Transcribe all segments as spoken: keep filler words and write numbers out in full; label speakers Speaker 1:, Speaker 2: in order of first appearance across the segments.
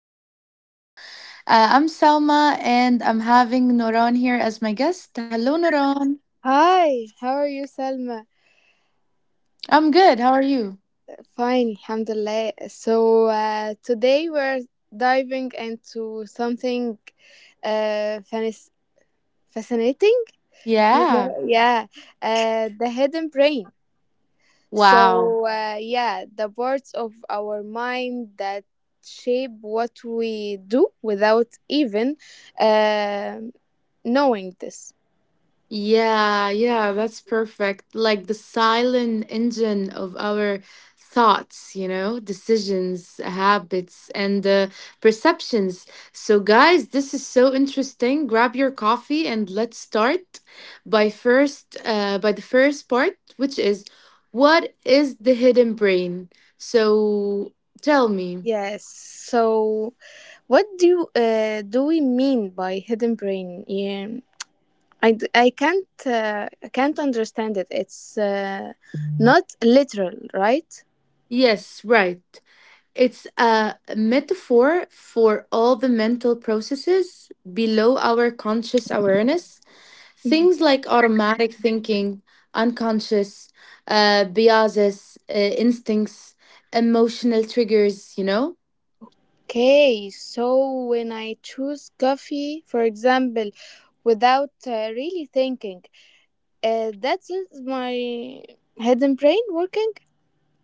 Speaker 1: Science show. Uh, I'm Salma, and I'm having Noran here as my guest. Hello, Noran.
Speaker 2: Hi, how are you, Salma?
Speaker 1: I'm good. How are you?
Speaker 2: Fine, alhamdulillah. So, uh, today we're diving into something uh, fanis- fascinating, you
Speaker 1: Yeah.
Speaker 2: know, yeah, uh, the hidden brain.
Speaker 1: Wow.
Speaker 2: So, uh, yeah, the parts of our mind that shape what we do without even um knowing this.
Speaker 1: Yeah, yeah, that's perfect. Like the silent engine of our thoughts, you know, decisions, habits, and uh, perceptions. So, guys, this is so interesting. Grab your coffee and let's start by first, uh, by the first part, which is what is the hidden brain? So, tell me.
Speaker 2: Yes, so. What do uh, do we mean by hidden brain? Yeah, I, d- I can't uh, I can't understand it. It's uh, not literal, right?
Speaker 1: Yes, right. It's a metaphor for all the mental processes below our conscious awareness. Things
Speaker 2: Mhm.
Speaker 1: like automatic thinking, unconscious, uh, biases, uh, instincts, emotional triggers, you know?
Speaker 2: Okay, so when I choose coffee, for example, without uh, really thinking, uh, that's it, my hidden brain working.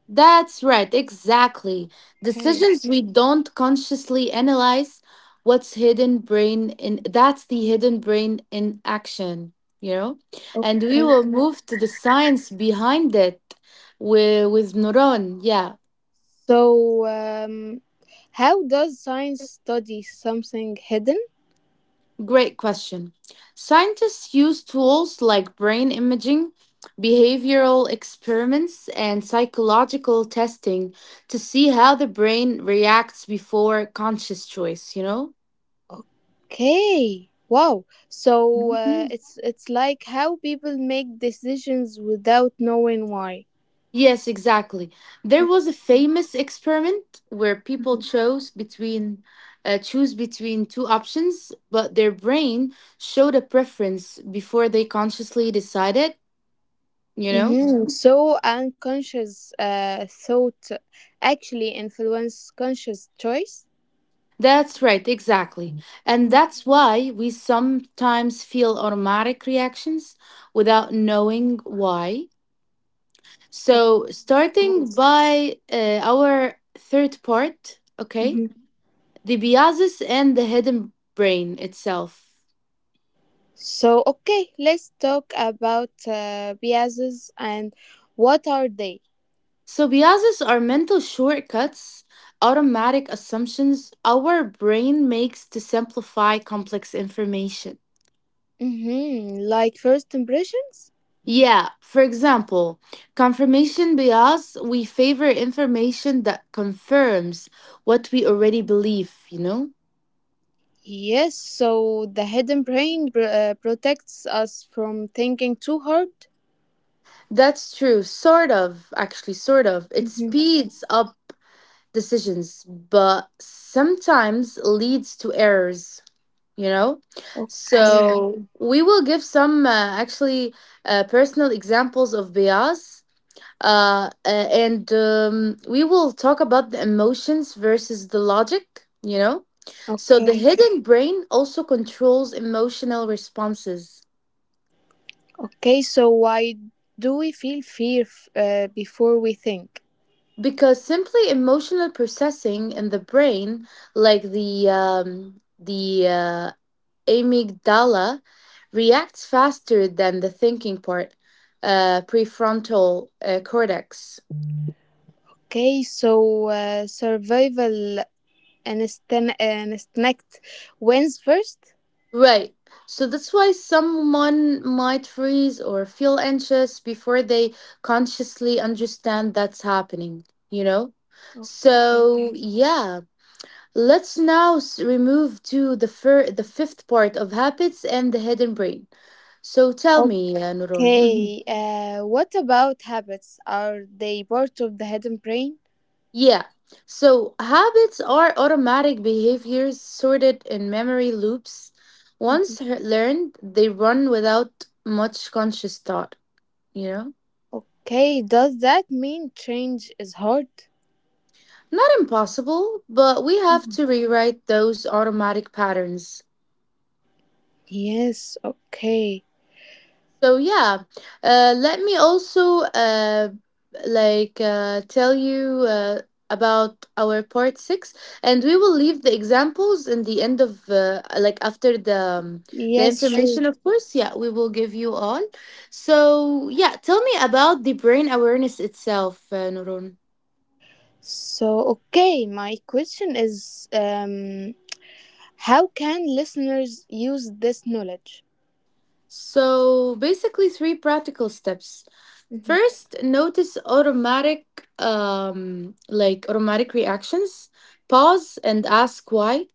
Speaker 1: That's right, exactly.
Speaker 2: Okay,
Speaker 1: Decisions we don't consciously analyze. What's hidden brain in that's the hidden brain in action, you know? And we
Speaker 2: okay.
Speaker 1: will move to the science behind it with with Nuron. Yeah,
Speaker 2: So, um, how does science study something hidden?
Speaker 1: great question. Scientists use tools like brain imaging, behavioral experiments, and psychological testing to see how the brain reacts before conscious choice, you know?
Speaker 2: Okay. Wow. So uh, it's it's like how people make decisions without knowing why.
Speaker 1: Yes, exactly. There was a
Speaker 2: Okay.
Speaker 1: famous experiment where people
Speaker 2: Mhm.
Speaker 1: chose between uh, choose between two options, but their brain showed a preference before they consciously decided, you know?
Speaker 2: Mm-hmm. So unconscious uh, thought actually influence conscious choice.
Speaker 1: That's right, exactly. And
Speaker 2: Mm.
Speaker 1: that's why we sometimes feel automatic reactions without knowing why.
Speaker 2: Oh,
Speaker 1: So, starting
Speaker 2: nice.
Speaker 1: by uh, our third part, okay?
Speaker 2: Mm-hmm.
Speaker 1: The biases and the hidden brain itself.
Speaker 2: So okay, let's talk about uh, biases and what are they?
Speaker 1: So biases are mental shortcuts, automatic assumptions our brain makes to simplify complex information.
Speaker 2: Mm-hmm. Like first impressions.
Speaker 1: Yeah, for example, confirmation bias, we favor information that confirms what we already believe, you know?
Speaker 2: Yes, so the hidden brain pr- uh, protects us from thinking too hard.
Speaker 1: That's true, sort of, actually, sort of. It
Speaker 2: Hmm.
Speaker 1: speeds up decisions, but sometimes leads to errors. you know so
Speaker 2: Okay,
Speaker 1: we will give some uh, actually, uh, personal examples of bias, uh, uh, and um, we will talk about the emotions versus the logic you know So the
Speaker 2: okay.
Speaker 1: hidden brain also controls emotional responses.
Speaker 2: Okay, so why do we feel fear f- uh, before we think?
Speaker 1: Because simply emotional processing in the brain, like the um, the uh, amygdala reacts faster than the thinking part, uh, prefrontal uh, cortex.
Speaker 2: Okay, so uh, survival instinct instinct wins first.
Speaker 1: Right. So that's why someone might freeze or feel anxious before they consciously understand that's happening, you know?
Speaker 2: Okay.
Speaker 1: So, yeah, let's now s- remove to the fir- the fifth part of habits and the hidden brain. So tell me, uh, Nurun. Mm-hmm.
Speaker 2: Okay, uh, what about habits? Are they part of the hidden brain?
Speaker 1: Yeah. So habits are automatic behaviors sorted in memory loops.
Speaker 2: Mm-hmm.
Speaker 1: Once h- learned, they run without much conscious thought, you know?
Speaker 2: Okay, does that mean change is hard?
Speaker 1: Not impossible, but we have to rewrite those automatic patterns.
Speaker 2: Yes, okay.
Speaker 1: So yeah, uh, let me also uh, like uh, tell you uh, about our part six, and we will leave the examples in the end of uh, like after the um, the
Speaker 2: Yes, sure.
Speaker 1: information, of course. Yeah, we will give you all. So yeah, tell me about the brain awareness itself, uh, Nurun.
Speaker 2: So, okay, my question is um, how can listeners use this knowledge?
Speaker 1: So basically, three practical steps.
Speaker 2: Mhm.
Speaker 1: First, notice automatic, um, like automatic reactions. Pause and ask why.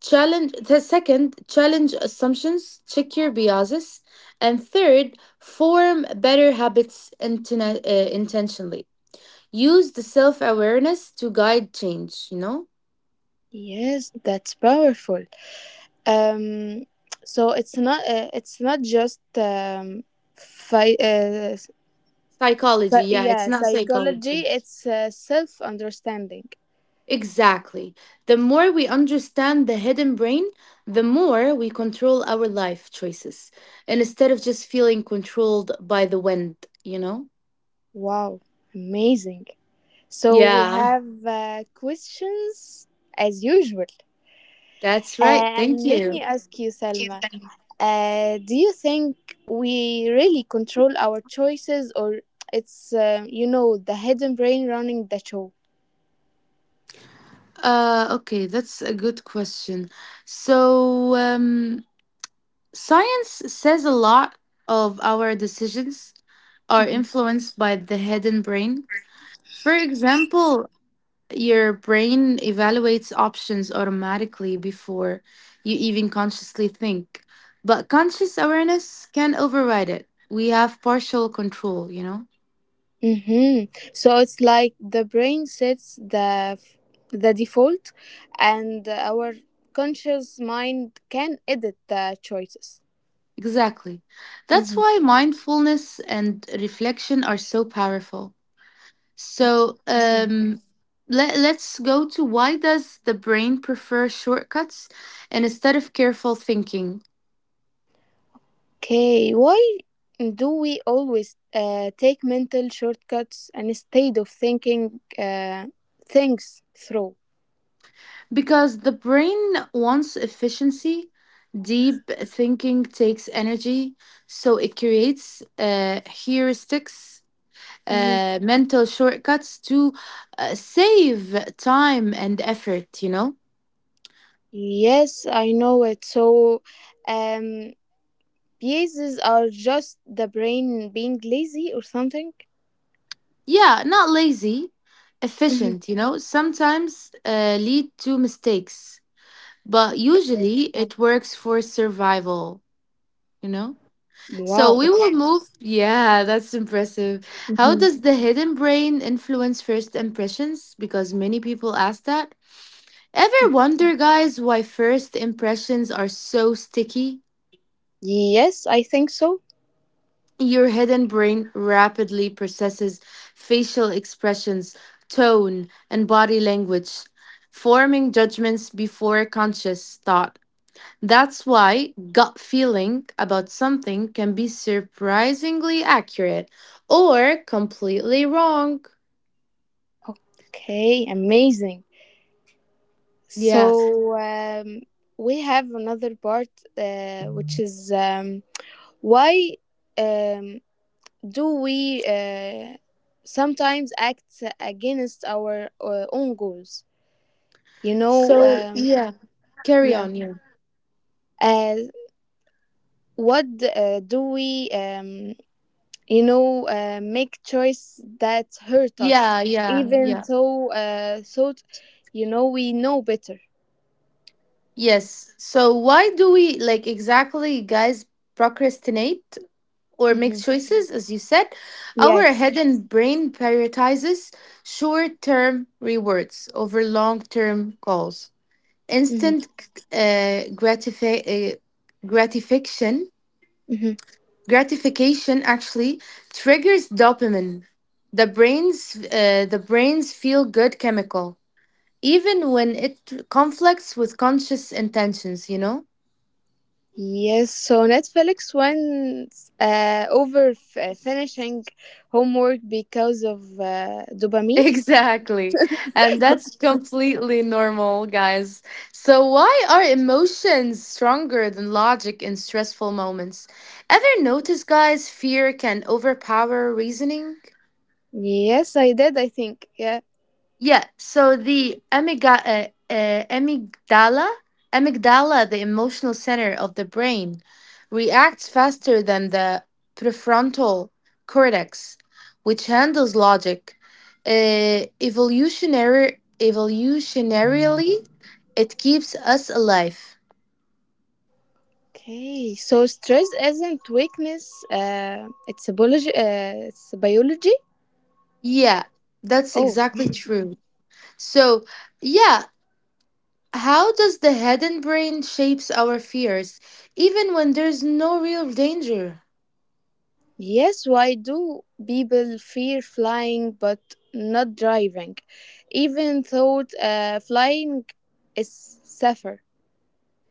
Speaker 1: Challenge the second, challenge assumptions, check your biases. And third, form better habits intena- uh, intentionally. Use the self awareness to guide change, you know?
Speaker 2: Yes, that's powerful. Um, so it's not uh, it's not just um, fi- uh,
Speaker 1: Psychology,
Speaker 2: psy-
Speaker 1: yeah, it's
Speaker 2: yeah,
Speaker 1: not
Speaker 2: psychology,
Speaker 1: psychology.
Speaker 2: it's uh, self-understanding.
Speaker 1: Exactly. The more we understand the hidden brain, the more we control our life choices, and instead of just feeling controlled by the wind, you know?
Speaker 2: Wow, amazing. So we
Speaker 1: Yeah,
Speaker 2: have uh, questions as usual.
Speaker 1: that's right. Thank
Speaker 2: And let me
Speaker 1: you.
Speaker 2: ask you, Selma, uh, do you think we really control our choices, or it's, uh, you know, the hidden brain running the show?
Speaker 1: Uh, okay, that's a good question. So, um, science says a lot of our decisions are
Speaker 2: Hmm.
Speaker 1: influenced by the hidden brain. For example, your brain evaluates options automatically before you even consciously think. But conscious awareness can override it. We have partial control, you know?
Speaker 2: Hmm. So it's like the brain sets the f- the default, and our conscious mind can edit the choices.
Speaker 1: Exactly. That's why mindfulness and reflection are so powerful. So,
Speaker 2: Hmm.
Speaker 1: um, let, let's go to why does the brain prefer shortcuts and instead of careful thinking.
Speaker 2: Okay, why do we always uh, take mental shortcuts instead of thinking uh, things through?
Speaker 1: Because the brain wants efficiency, deep thinking takes energy, so it creates uh, heuristics,
Speaker 2: Mhm.
Speaker 1: uh, mental shortcuts to uh, save time and effort, you know?
Speaker 2: Yes, I know it. So, um, biases are just the brain being lazy or something.
Speaker 1: Yeah, not lazy,
Speaker 2: Mhm.
Speaker 1: efficient, you know? Sometimes uh, lead to mistakes, but
Speaker 2: Okay.
Speaker 1: usually it works for survival, you know? So we
Speaker 2: Wow.
Speaker 1: will move. Yeah, that's impressive. How
Speaker 2: Mhm.
Speaker 1: does the hidden brain influence first impressions? Because many people ask that. Ever wonder, guys, why first impressions are so sticky?
Speaker 2: Yes, I think so.
Speaker 1: Your hidden brain rapidly processes facial expressions, tone, and body language, forming judgments before conscious thought. That's why gut feeling about something can be surprisingly accurate or completely wrong.
Speaker 2: Okay, amazing.
Speaker 1: Yeah.
Speaker 2: So, um, we have another part, uh, which is um, why, um, do we, uh, sometimes act against our uh, own goals? You know, um,
Speaker 1: So, yeah,
Speaker 2: yeah.
Speaker 1: carry on. Yeah.
Speaker 2: Uh, what uh, do we, um, you know, uh, make choice that hurt us,
Speaker 1: Yeah, yeah,
Speaker 2: even
Speaker 1: yeah.
Speaker 2: though uh, thought, you know, we know better.
Speaker 1: Yes. So why do we, like, exactly, guys, procrastinate or make
Speaker 2: Hmm.
Speaker 1: choices as you said? Our
Speaker 2: Yes.
Speaker 1: head and brain prioritizes short-term rewards over long-term goals.
Speaker 2: Hmm.
Speaker 1: Instant uh, gratifi- uh, gratification
Speaker 2: Hmm.
Speaker 1: gratification actually triggers dopamine, the brain's uh, the brain's feel good chemical, even when it conflicts with conscious intentions you know
Speaker 2: Yes, so Netflix went uh, over f- uh, finishing homework because of uh, dopamine.
Speaker 1: Exactly, and that's completely normal, guys. So why are emotions stronger than logic in stressful moments? Ever notice, guys, fear can overpower reasoning?
Speaker 2: Yes, I did, I think. Yeah.
Speaker 1: Yeah, so the amiga- uh, uh, amygdala, amygdala, the emotional center of the brain, reacts faster than the prefrontal cortex, which handles logic. Uh, evolutionary, evolutionarily, it keeps us alive.
Speaker 2: Okay. So stress isn't weakness. Uh, it's a biology. Uh, it's biology.
Speaker 1: Yeah, that's
Speaker 2: Oh,
Speaker 1: exactly true. So, yeah, how does the head and brain shapes our fears, even when there's no real danger?
Speaker 2: yes. Why do people fear flying but not driving, even though uh, flying is safer?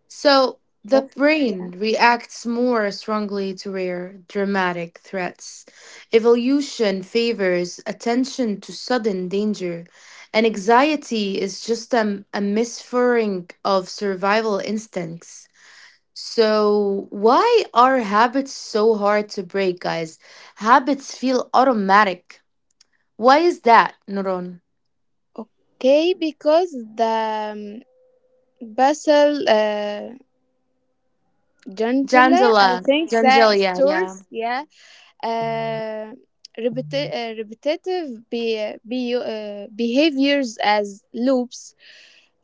Speaker 1: So the
Speaker 2: Safer. Yeah.
Speaker 1: brain reacts more strongly to rare, dramatic threats. Evolution favors attention to sudden danger, and anxiety is just um, a misfiring of survival instincts. So, why are habits so hard to break, guys? Habits feel automatic. Why is that, Nuron?
Speaker 2: Okay, because the um, basal uh, Gentile, I
Speaker 1: Jangela,
Speaker 2: think that
Speaker 1: Jangelia,
Speaker 2: stores, yeah. Uh, repeti- uh, repetitive be- be- uh, behaviors as loops,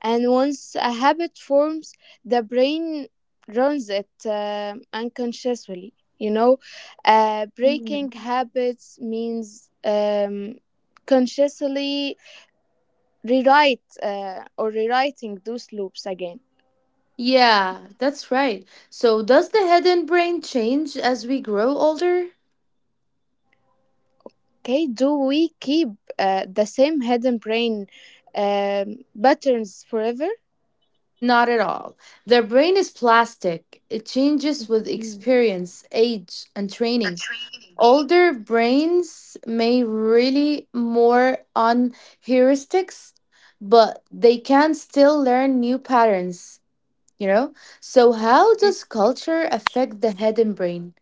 Speaker 2: and once a habit forms, the brain runs it uh, unconsciously. You know, uh, breaking
Speaker 1: yeah.
Speaker 2: habits means um, consciously rewrite uh, or rewriting those loops again.
Speaker 1: Yeah, that's right. So, does the head and brain change as we grow older?
Speaker 2: Okay, do we keep uh, the same hidden brain um, patterns forever?
Speaker 1: Not at all. The brain is plastic, it changes with
Speaker 2: Mm.
Speaker 1: experience, age, and training. Older brains may rely more on heuristics, but they can still learn new patterns, you know? So, how does culture affect the head and brain?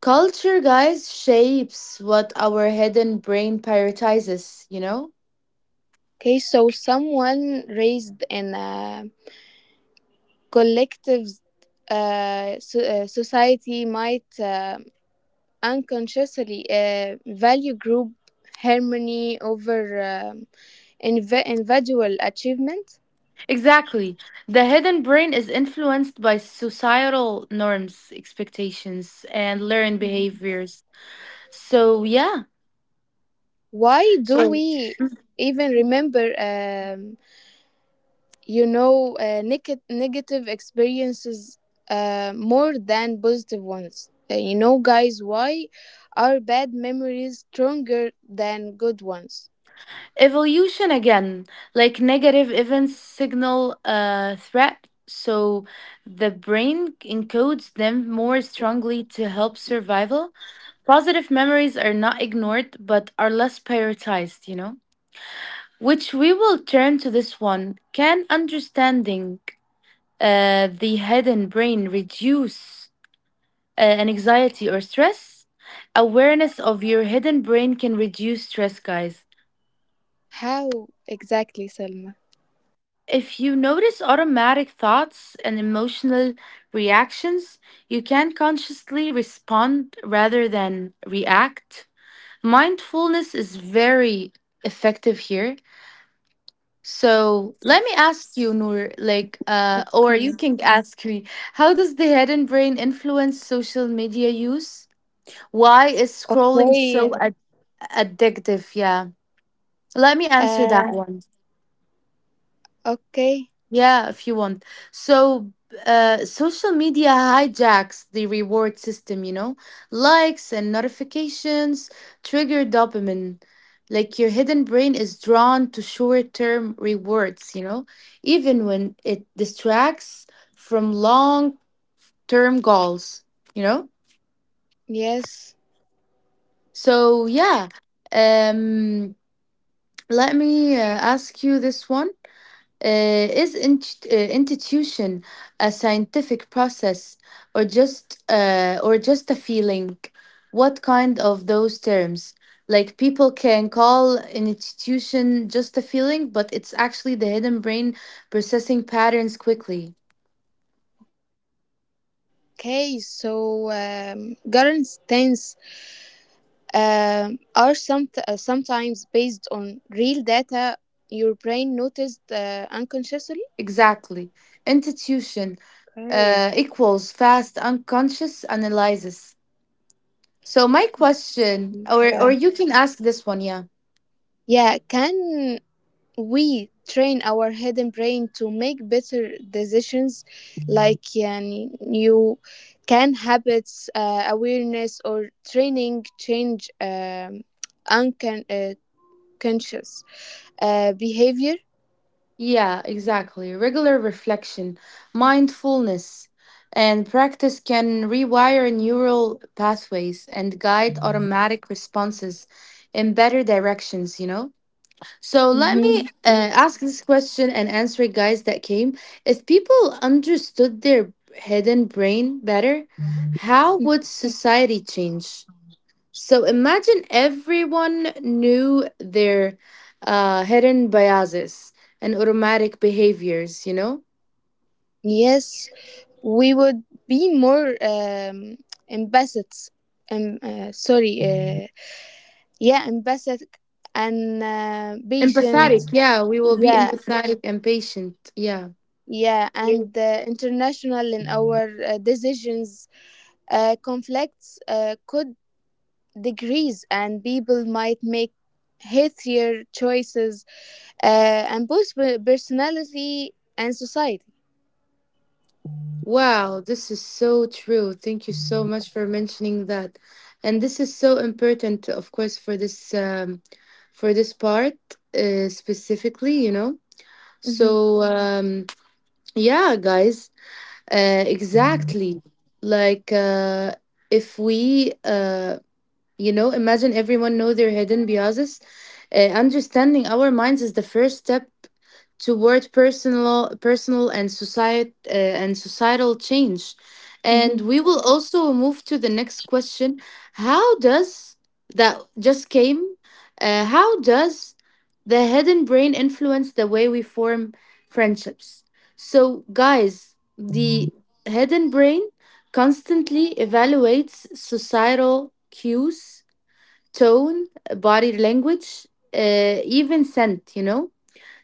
Speaker 1: Culture, guys, shapes what our hidden brain prioritizes, you know?
Speaker 2: Okay, so someone raised in a collective uh, so, uh, society might uh, unconsciously uh, value group harmony over um, inv- individual achievement.
Speaker 1: Exactly. The hidden brain is influenced by societal norms, expectations, and learned behaviors. So, yeah.
Speaker 2: Why do
Speaker 1: So,
Speaker 2: we even remember um you know, uh, neg- negative experiences uh, more than positive ones. Uh, You know, guys, why are bad memories stronger than good ones?
Speaker 1: evolution again, like negative events signal a threat. So, the brain encodes them more strongly to help survival. Positive memories are not ignored but are less prioritized, you know? Which we will turn to this one. Can understanding uh, the hidden brain reduce uh, an anxiety or stress? Awareness of your hidden brain can reduce stress, guys.
Speaker 2: How exactly, Selma?
Speaker 1: If you notice automatic thoughts and emotional reactions, you can consciously respond rather than react. Mindfulness is very effective here. So let me ask you, Noor, like, uh, or you
Speaker 2: Okay.
Speaker 1: can ask me, how does the hidden brain influence social media use? Why is scrolling
Speaker 2: Okay.
Speaker 1: so ad- addictive? Yeah, let me answer that
Speaker 2: Uh,
Speaker 1: one.
Speaker 2: okay.
Speaker 1: Yeah, if you want. So, uh, social media hijacks the reward system, you know? Likes and notifications trigger dopamine. Like your hidden brain is drawn to short term rewards, you know? Even when it distracts from long term goals, you know?
Speaker 2: Yes.
Speaker 1: So, yeah. Um, Let me uh, ask you this one. Uh, is int- uh, intuition a scientific process or just uh, or just a feeling? What kind of those terms? Like people can call an intuition just a feeling, but it's actually the hidden brain processing patterns quickly.
Speaker 2: Okay. So, um, current stance um are some uh, sometimes based on real data your brain noticed uh, unconsciously.
Speaker 1: Exactly. Intuition
Speaker 2: Okay.
Speaker 1: uh, equals fast unconscious analysis. So my question, or or
Speaker 2: Yeah.
Speaker 1: you can ask this one, yeah.
Speaker 2: Yeah. Can we train our hidden brain to make better decisions like yani, you can habits uh, awareness or training change um, uncon- uh, conscious uh, behavior?
Speaker 1: Yeah, exactly. Regular reflection, mindfulness, and practice can rewire neural pathways and guide automatic responses in better directions, you know? So let me
Speaker 2: Mhm.
Speaker 1: uh, ask this question and answer it, guys, that came. If people understood their hidden brain better, how would society change? So imagine everyone knew their uh, hidden biases and automatic behaviors, you know?
Speaker 2: Yes, we would be more um, empathets um, uh, sorry uh, yeah empathic and uh, patient.
Speaker 1: Empathetic, yeah, we will be
Speaker 2: Yeah.
Speaker 1: empathetic and patient, yeah.
Speaker 2: Yeah, and uh, international in our uh, decisions, uh, conflicts uh, could decrease, and people might make healthier choices, uh, and boost per- personality and society.
Speaker 1: Wow, this is so true. Thank you so much for mentioning that. And this is so important, of course, for this um, for this part, uh, specifically, you know?
Speaker 2: Hmm.
Speaker 1: So, um, yeah, guys. Uh, exactly. Like, uh, if we uh, you know, imagine everyone know their hidden biases. Uh, understanding our minds is the first step toward personal, personal and society uh, and societal change.
Speaker 2: Hmm.
Speaker 1: And we will also move to the next question: How does that just came? Uh, how does the hidden brain influence the way we form friendships? So, guys, the hidden brain constantly evaluates societal cues: tone, body language, uh, even scent, you know,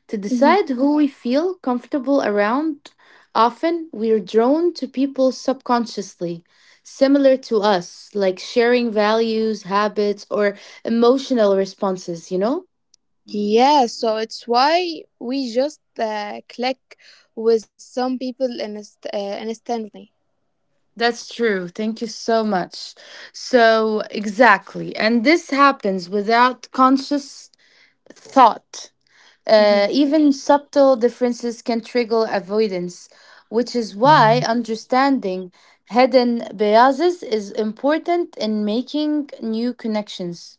Speaker 1: to decide
Speaker 2: Hmm.
Speaker 1: who we feel comfortable around. Often we're drawn to people subconsciously, similar to us, like sharing values, habits, or emotional responses, you know?
Speaker 2: Yeah, so it's why we just uh, click with some people in inst- uh, instantly.
Speaker 1: That's true. Thank you so much. So, exactly. And this happens without conscious thought.
Speaker 2: Hmm.
Speaker 1: Uh, even subtle differences can trigger avoidance, which is why understanding hidden biases is important in making new connections.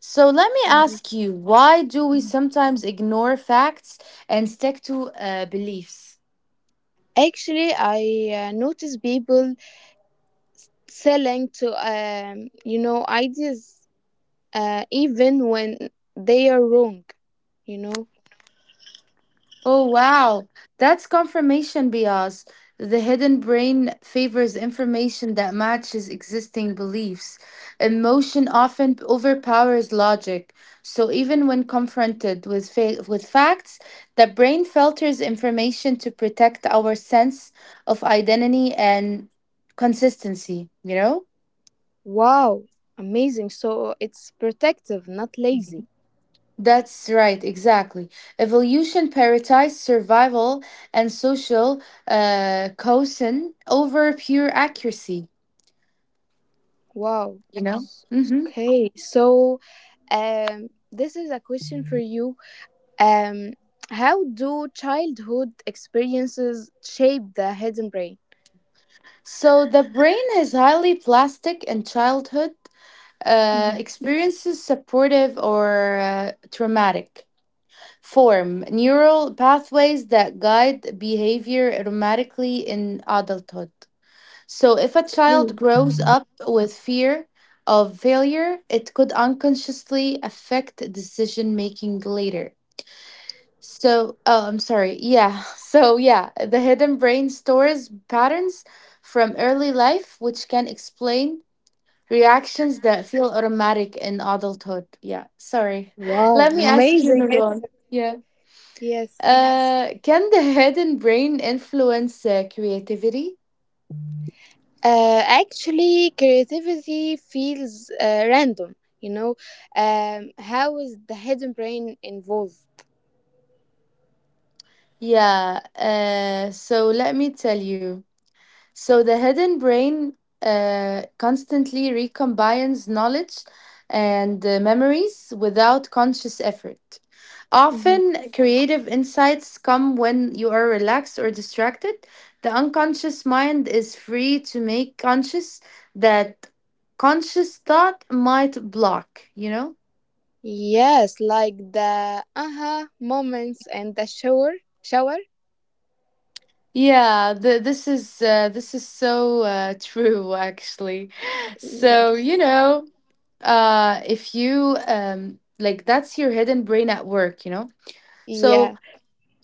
Speaker 1: So let me ask you, why do we sometimes ignore facts and stick to uh, beliefs?
Speaker 2: Actually, I uh, notice people selling to um you know, ideas uh even when they are wrong, you know.
Speaker 1: Oh, wow. That's confirmation bias. The hidden brain favors information that matches existing beliefs. Emotion often overpowers logic. So even when confronted with fa- with facts, the brain filters information to protect our sense of identity and consistency, you know?
Speaker 2: Wow, amazing, so it's protective, not lazy.
Speaker 1: That's right, exactly. Evolution prioritized survival and social uh, cohesion over pure accuracy,
Speaker 2: Wow.
Speaker 1: you know?
Speaker 2: S-
Speaker 1: Hmm.
Speaker 2: okay so, um this is a question for you. um how do childhood experiences shape the hidden brain?
Speaker 1: So the brain is highly plastic and childhood uh, experiences, supportive or uh, traumatic. Form neural pathways that guide behavior automatically in adulthood. So, if a child
Speaker 2: Mhm.
Speaker 1: grows up with fear of failure, it could unconsciously affect decision making later. So, oh, I'm sorry. Yeah. So, yeah, the hidden brain stores patterns from early life, which can explain reactions that feel automatic in adulthood. Yeah. Sorry.
Speaker 2: Wow,
Speaker 1: Let me ask you,
Speaker 2: amazing, it's,
Speaker 1: Nurwan. Yeah.
Speaker 2: yes.
Speaker 1: Uh, can the hidden brain influence uh, creativity?
Speaker 2: Uh, actually, creativity feels uh, random. You know, um, how is the hidden brain involved?
Speaker 1: Yeah, uh, so let me tell you. So the hidden brain uh, constantly recombines knowledge and uh, memories without conscious effort.
Speaker 2: Hmm.
Speaker 1: Often, creative insights come when you are relaxed or distracted. The unconscious mind is free to make conscious that conscious thought might block, you know?
Speaker 2: Yes, like the aha moments and the shower. Shower.
Speaker 1: Yeah, the, this is uh, this is so uh, true actually. So,
Speaker 2: Yeah.
Speaker 1: you know, uh, if you um, like that's your hidden brain at work, you know? So,
Speaker 2: Yeah,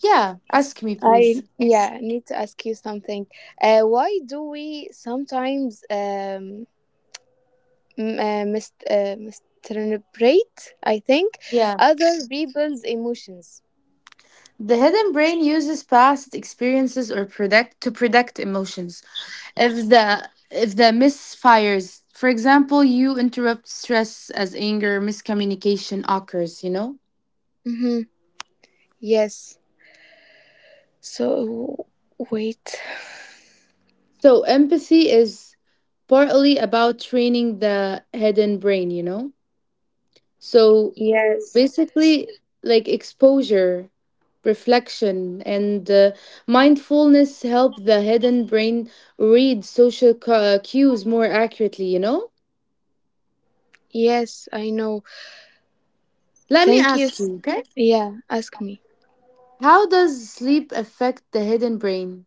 Speaker 1: yeah, ask me please.
Speaker 2: I yeah need to ask you something. Uh, why do we sometimes um m- uh, mis uh, misinterpret, I think,
Speaker 1: Yeah,
Speaker 2: other people's emotions?
Speaker 1: the hidden brain uses past experiences or predict to predict emotions. If the if the misfires, for example, you interrupt stress as anger, miscommunication occurs, you know?
Speaker 2: Mm-hmm. Yes. So, wait.
Speaker 1: So empathy is partly about training the hidden brain, you know? So
Speaker 2: Yes.
Speaker 1: basically, like exposure, reflection, and uh, mindfulness help the hidden brain read social cu- uh, cues more accurately, you know?
Speaker 2: Yes, I know.
Speaker 1: Let me
Speaker 2: Thank you.
Speaker 1: ask
Speaker 2: s-
Speaker 1: you, okay?
Speaker 2: Yeah, ask me.
Speaker 1: How does sleep affect the hidden brain?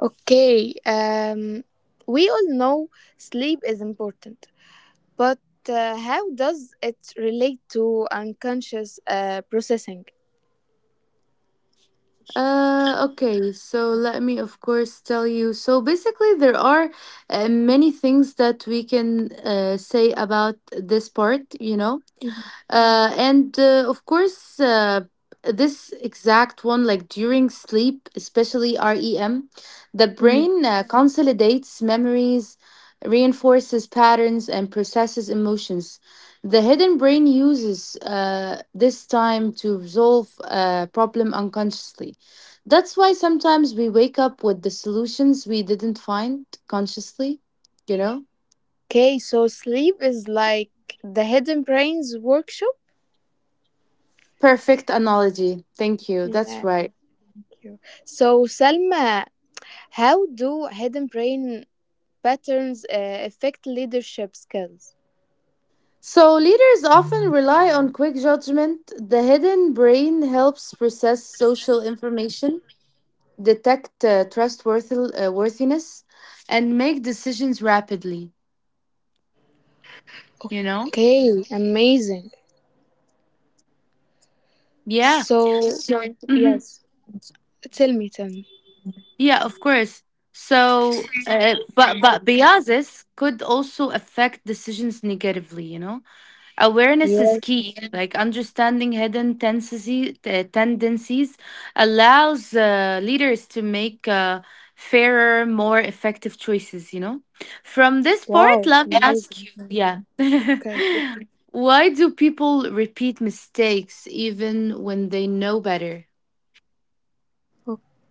Speaker 2: Okay. Um, we all know sleep is important, but uh, how does it relate to unconscious uh, processing?
Speaker 1: Uh, okay, so let me, of course, tell you. So basically, there are uh, many things that we can uh, say about this part, you know. Uh, and uh, Of course, uh, this exact one, like during sleep, especially REM, the
Speaker 2: Mhm.
Speaker 1: brain uh, consolidates memories, reinforces patterns, and processes emotions. The hidden brain uses uh, this time to resolve a problem unconsciously. That's why sometimes we wake up with the solutions we didn't find consciously, you know?
Speaker 2: Okay, so sleep is like the hidden brain's workshop.
Speaker 1: Perfect analogy. Thank you. That's
Speaker 2: Yeah,
Speaker 1: right.
Speaker 2: thank you. So, Salma, how do hidden brain patterns uh, affect leadership skills?
Speaker 1: So, leaders often rely on quick judgment. The hidden brain helps process social information, detect uh, trustworthiness, uh, worthiness, and make decisions rapidly. You know?
Speaker 2: Okay, amazing.
Speaker 1: Yeah.
Speaker 2: So,
Speaker 1: So, mhm.
Speaker 2: yes, tell me, tell me.
Speaker 1: Yeah, of course. So, uh, but but biases could also affect decisions negatively. You know? Awareness is
Speaker 2: Yes,
Speaker 1: key. Like understanding hidden tendencies, tendencies allows uh, leaders to make uh, fairer, more effective choices. You know. From this part,
Speaker 2: wow,
Speaker 1: let me Yeah. ask
Speaker 2: amazing.
Speaker 1: you. Yeah.
Speaker 2: Okay.
Speaker 1: Why do people repeat mistakes even when they know better?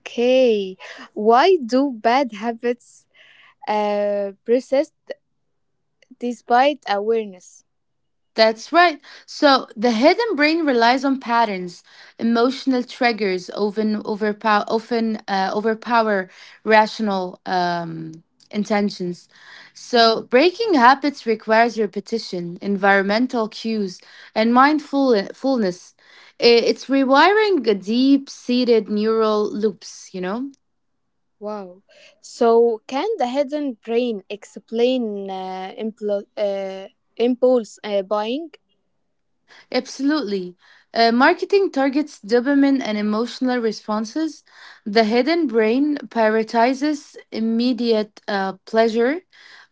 Speaker 2: Okay, why do bad habits uh, persist despite awareness?
Speaker 1: That's right. So the hidden brain relies on patterns, emotional triggers often overpower often uh, overpower rational um, intentions.
Speaker 2: Mhm.
Speaker 1: So breaking habits requires repetition, environmental cues, and mindfulness. It's rewiring deep-seated neural loops. You know.
Speaker 2: Wow. So, can the hidden brain explain uh, impl- uh, impulse uh, buying?
Speaker 1: Absolutely. Uh, marketing targets dopamine and emotional responses. The hidden brain prioritizes immediate uh, pleasure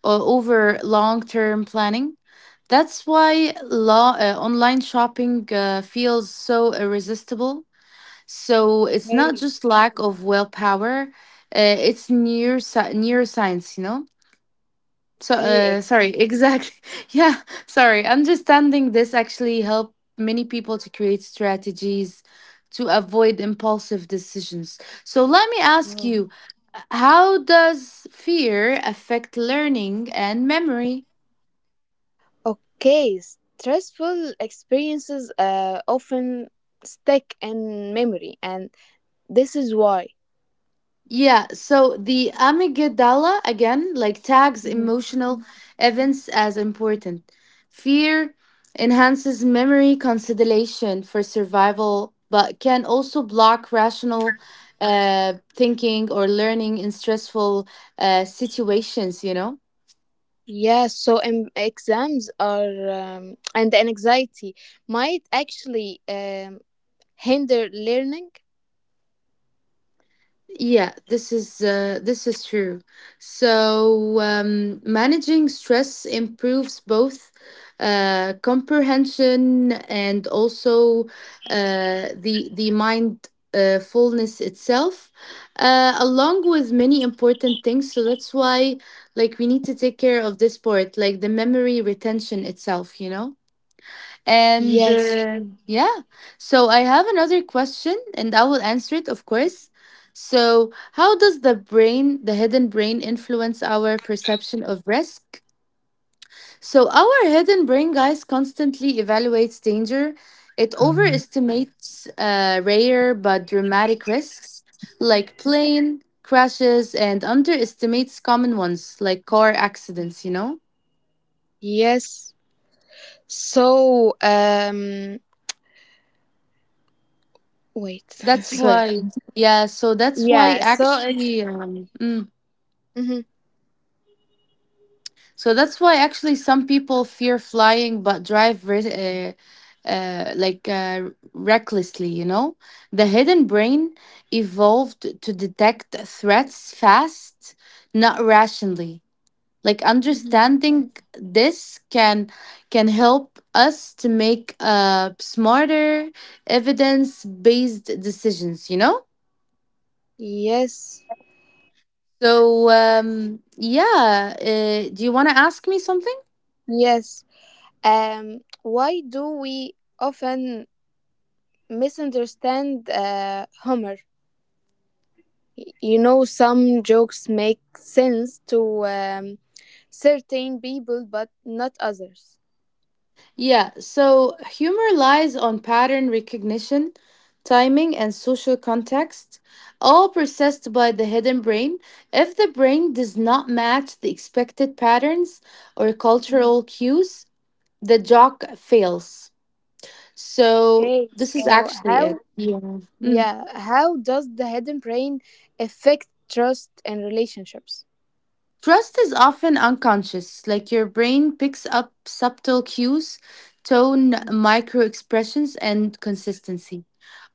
Speaker 1: uh, over long term planning. That's why law, uh, online shopping uh, feels so irresistible. So it's not just lack of willpower, uh, it's neurosci- neuroscience, you know? So,
Speaker 2: Okay,
Speaker 1: uh, sorry, exactly. Yeah, sorry. Understanding this actually helped many people to create strategies to avoid impulsive decisions. So, let me ask
Speaker 2: ex-
Speaker 1: you, how does fear affect learning and memory?
Speaker 2: Okay, stressful experiences uh, often stick in memory, and this is why.
Speaker 1: Yeah, so the amygdala again like tags
Speaker 2: Mhm.
Speaker 1: emotional events as important. Fear enhances memory consolidation for survival, but can also block rational uh, thinking or learning in stressful uh, situations, you know?
Speaker 2: Yeah, so um, exams are um, and anxiety might actually um, hinder learning.
Speaker 1: Yeah, this is uh, this is true. So um, managing stress improves both uh, comprehension and also uh, the the mind uh, fullness itself, uh, along with many important things. So that's why, like, we need to take care of this part, like the memory retention itself. You know. And
Speaker 2: Yes,
Speaker 1: uh, yeah, so I have another question and I will answer it, of course. So, how does the brain, the hidden brain, influence our perception of risk? So, our hidden brain, guys, constantly evaluates danger. It overestimates uh, rare but dramatic risks like plane crashes and underestimates common ones like car accidents, you know?
Speaker 2: yes. So um, wait,
Speaker 1: That's
Speaker 2: sorry.
Speaker 1: why, yeah, so that's why
Speaker 2: Yeah, so it's.
Speaker 1: actually. Um, mm.
Speaker 2: Hmm.
Speaker 1: So that's why actually some people fear flying but drive re- uh, uh, like uh, recklessly, you know? The hidden brain evolved to detect threats fast, not rationally. Like
Speaker 2: Hmm.
Speaker 1: understanding this can can help us to make uh, smarter evidence-based decisions, you know?
Speaker 2: Yes,
Speaker 1: So um, yeah, uh, do you want to ask me something?
Speaker 2: yes. Um, why do we often misunderstand uh, humor? You know, some jokes make sense to um, certain people, but not others.
Speaker 1: Yeah, so humor lies on pattern recognition, timing, and social context, all processed by the hidden brain. If the brain does not match the expected patterns or
Speaker 2: Mhm.
Speaker 1: cultural cues, the joke fails. So,
Speaker 2: Okay,
Speaker 1: this is
Speaker 2: so
Speaker 1: actually it.
Speaker 2: how?
Speaker 1: Yeah.
Speaker 2: Yeah, how does the hidden brain affect trust and relationships?
Speaker 1: Trust is often unconscious, like your brain picks up subtle cues, tone, micro expressions, and consistency.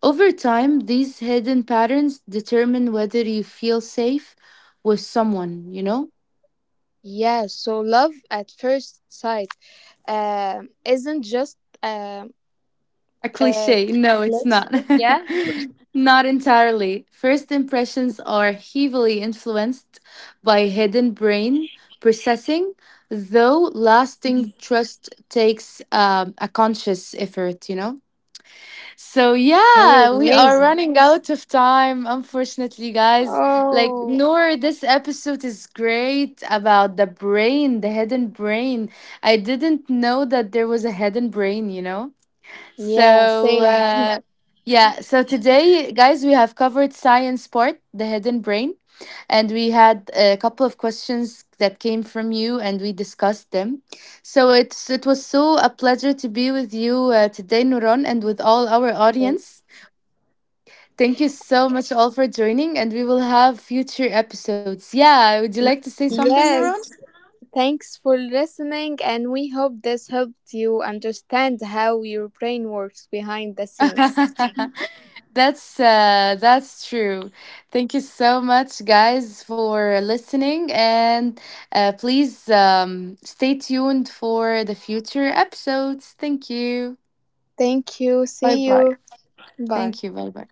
Speaker 1: Over time, these hidden patterns determine whether you feel safe with someone, you know?
Speaker 2: Yes, so love at first sight um, isn't just um,
Speaker 1: A
Speaker 2: a
Speaker 1: cliche. No, it's
Speaker 2: let's
Speaker 1: not.
Speaker 2: say, yeah.
Speaker 1: Not entirely. First impressions are heavily influenced by hidden brain processing, though
Speaker 2: Mhm.
Speaker 1: lasting trust takes um, a conscious effort, you know? So
Speaker 2: Okay,
Speaker 1: yeah, we are
Speaker 2: amazing.
Speaker 1: running out of time, unfortunately, guys. Like
Speaker 2: Oh,
Speaker 1: Noor, this episode is great about the brain, the hidden brain. I didn't know that there was a hidden brain, you know?
Speaker 2: yeah,
Speaker 1: So
Speaker 2: same.
Speaker 1: Yeah. uh, yeah, so today, guys, we have covered science part, the hidden brain, and we had a couple of questions that came from you, and we discussed them. So it's it was so a pleasure to be with you uh, today, Nuron, and with all our audience. Thank you so much all for joining, and we will have future episodes. Yeah, would you like to say something,
Speaker 2: Yes,
Speaker 1: Nuron?
Speaker 2: thanks for listening, and we hope this helped you understand how your brain works behind the scenes.
Speaker 1: That's uh, that's true. Thank you so much guys for listening, and uh, please um, stay tuned for the future episodes. Thank you.
Speaker 2: Thank you.
Speaker 1: Bye
Speaker 2: See
Speaker 1: bye.
Speaker 2: you. Bye.
Speaker 1: Thank you. Bye bye.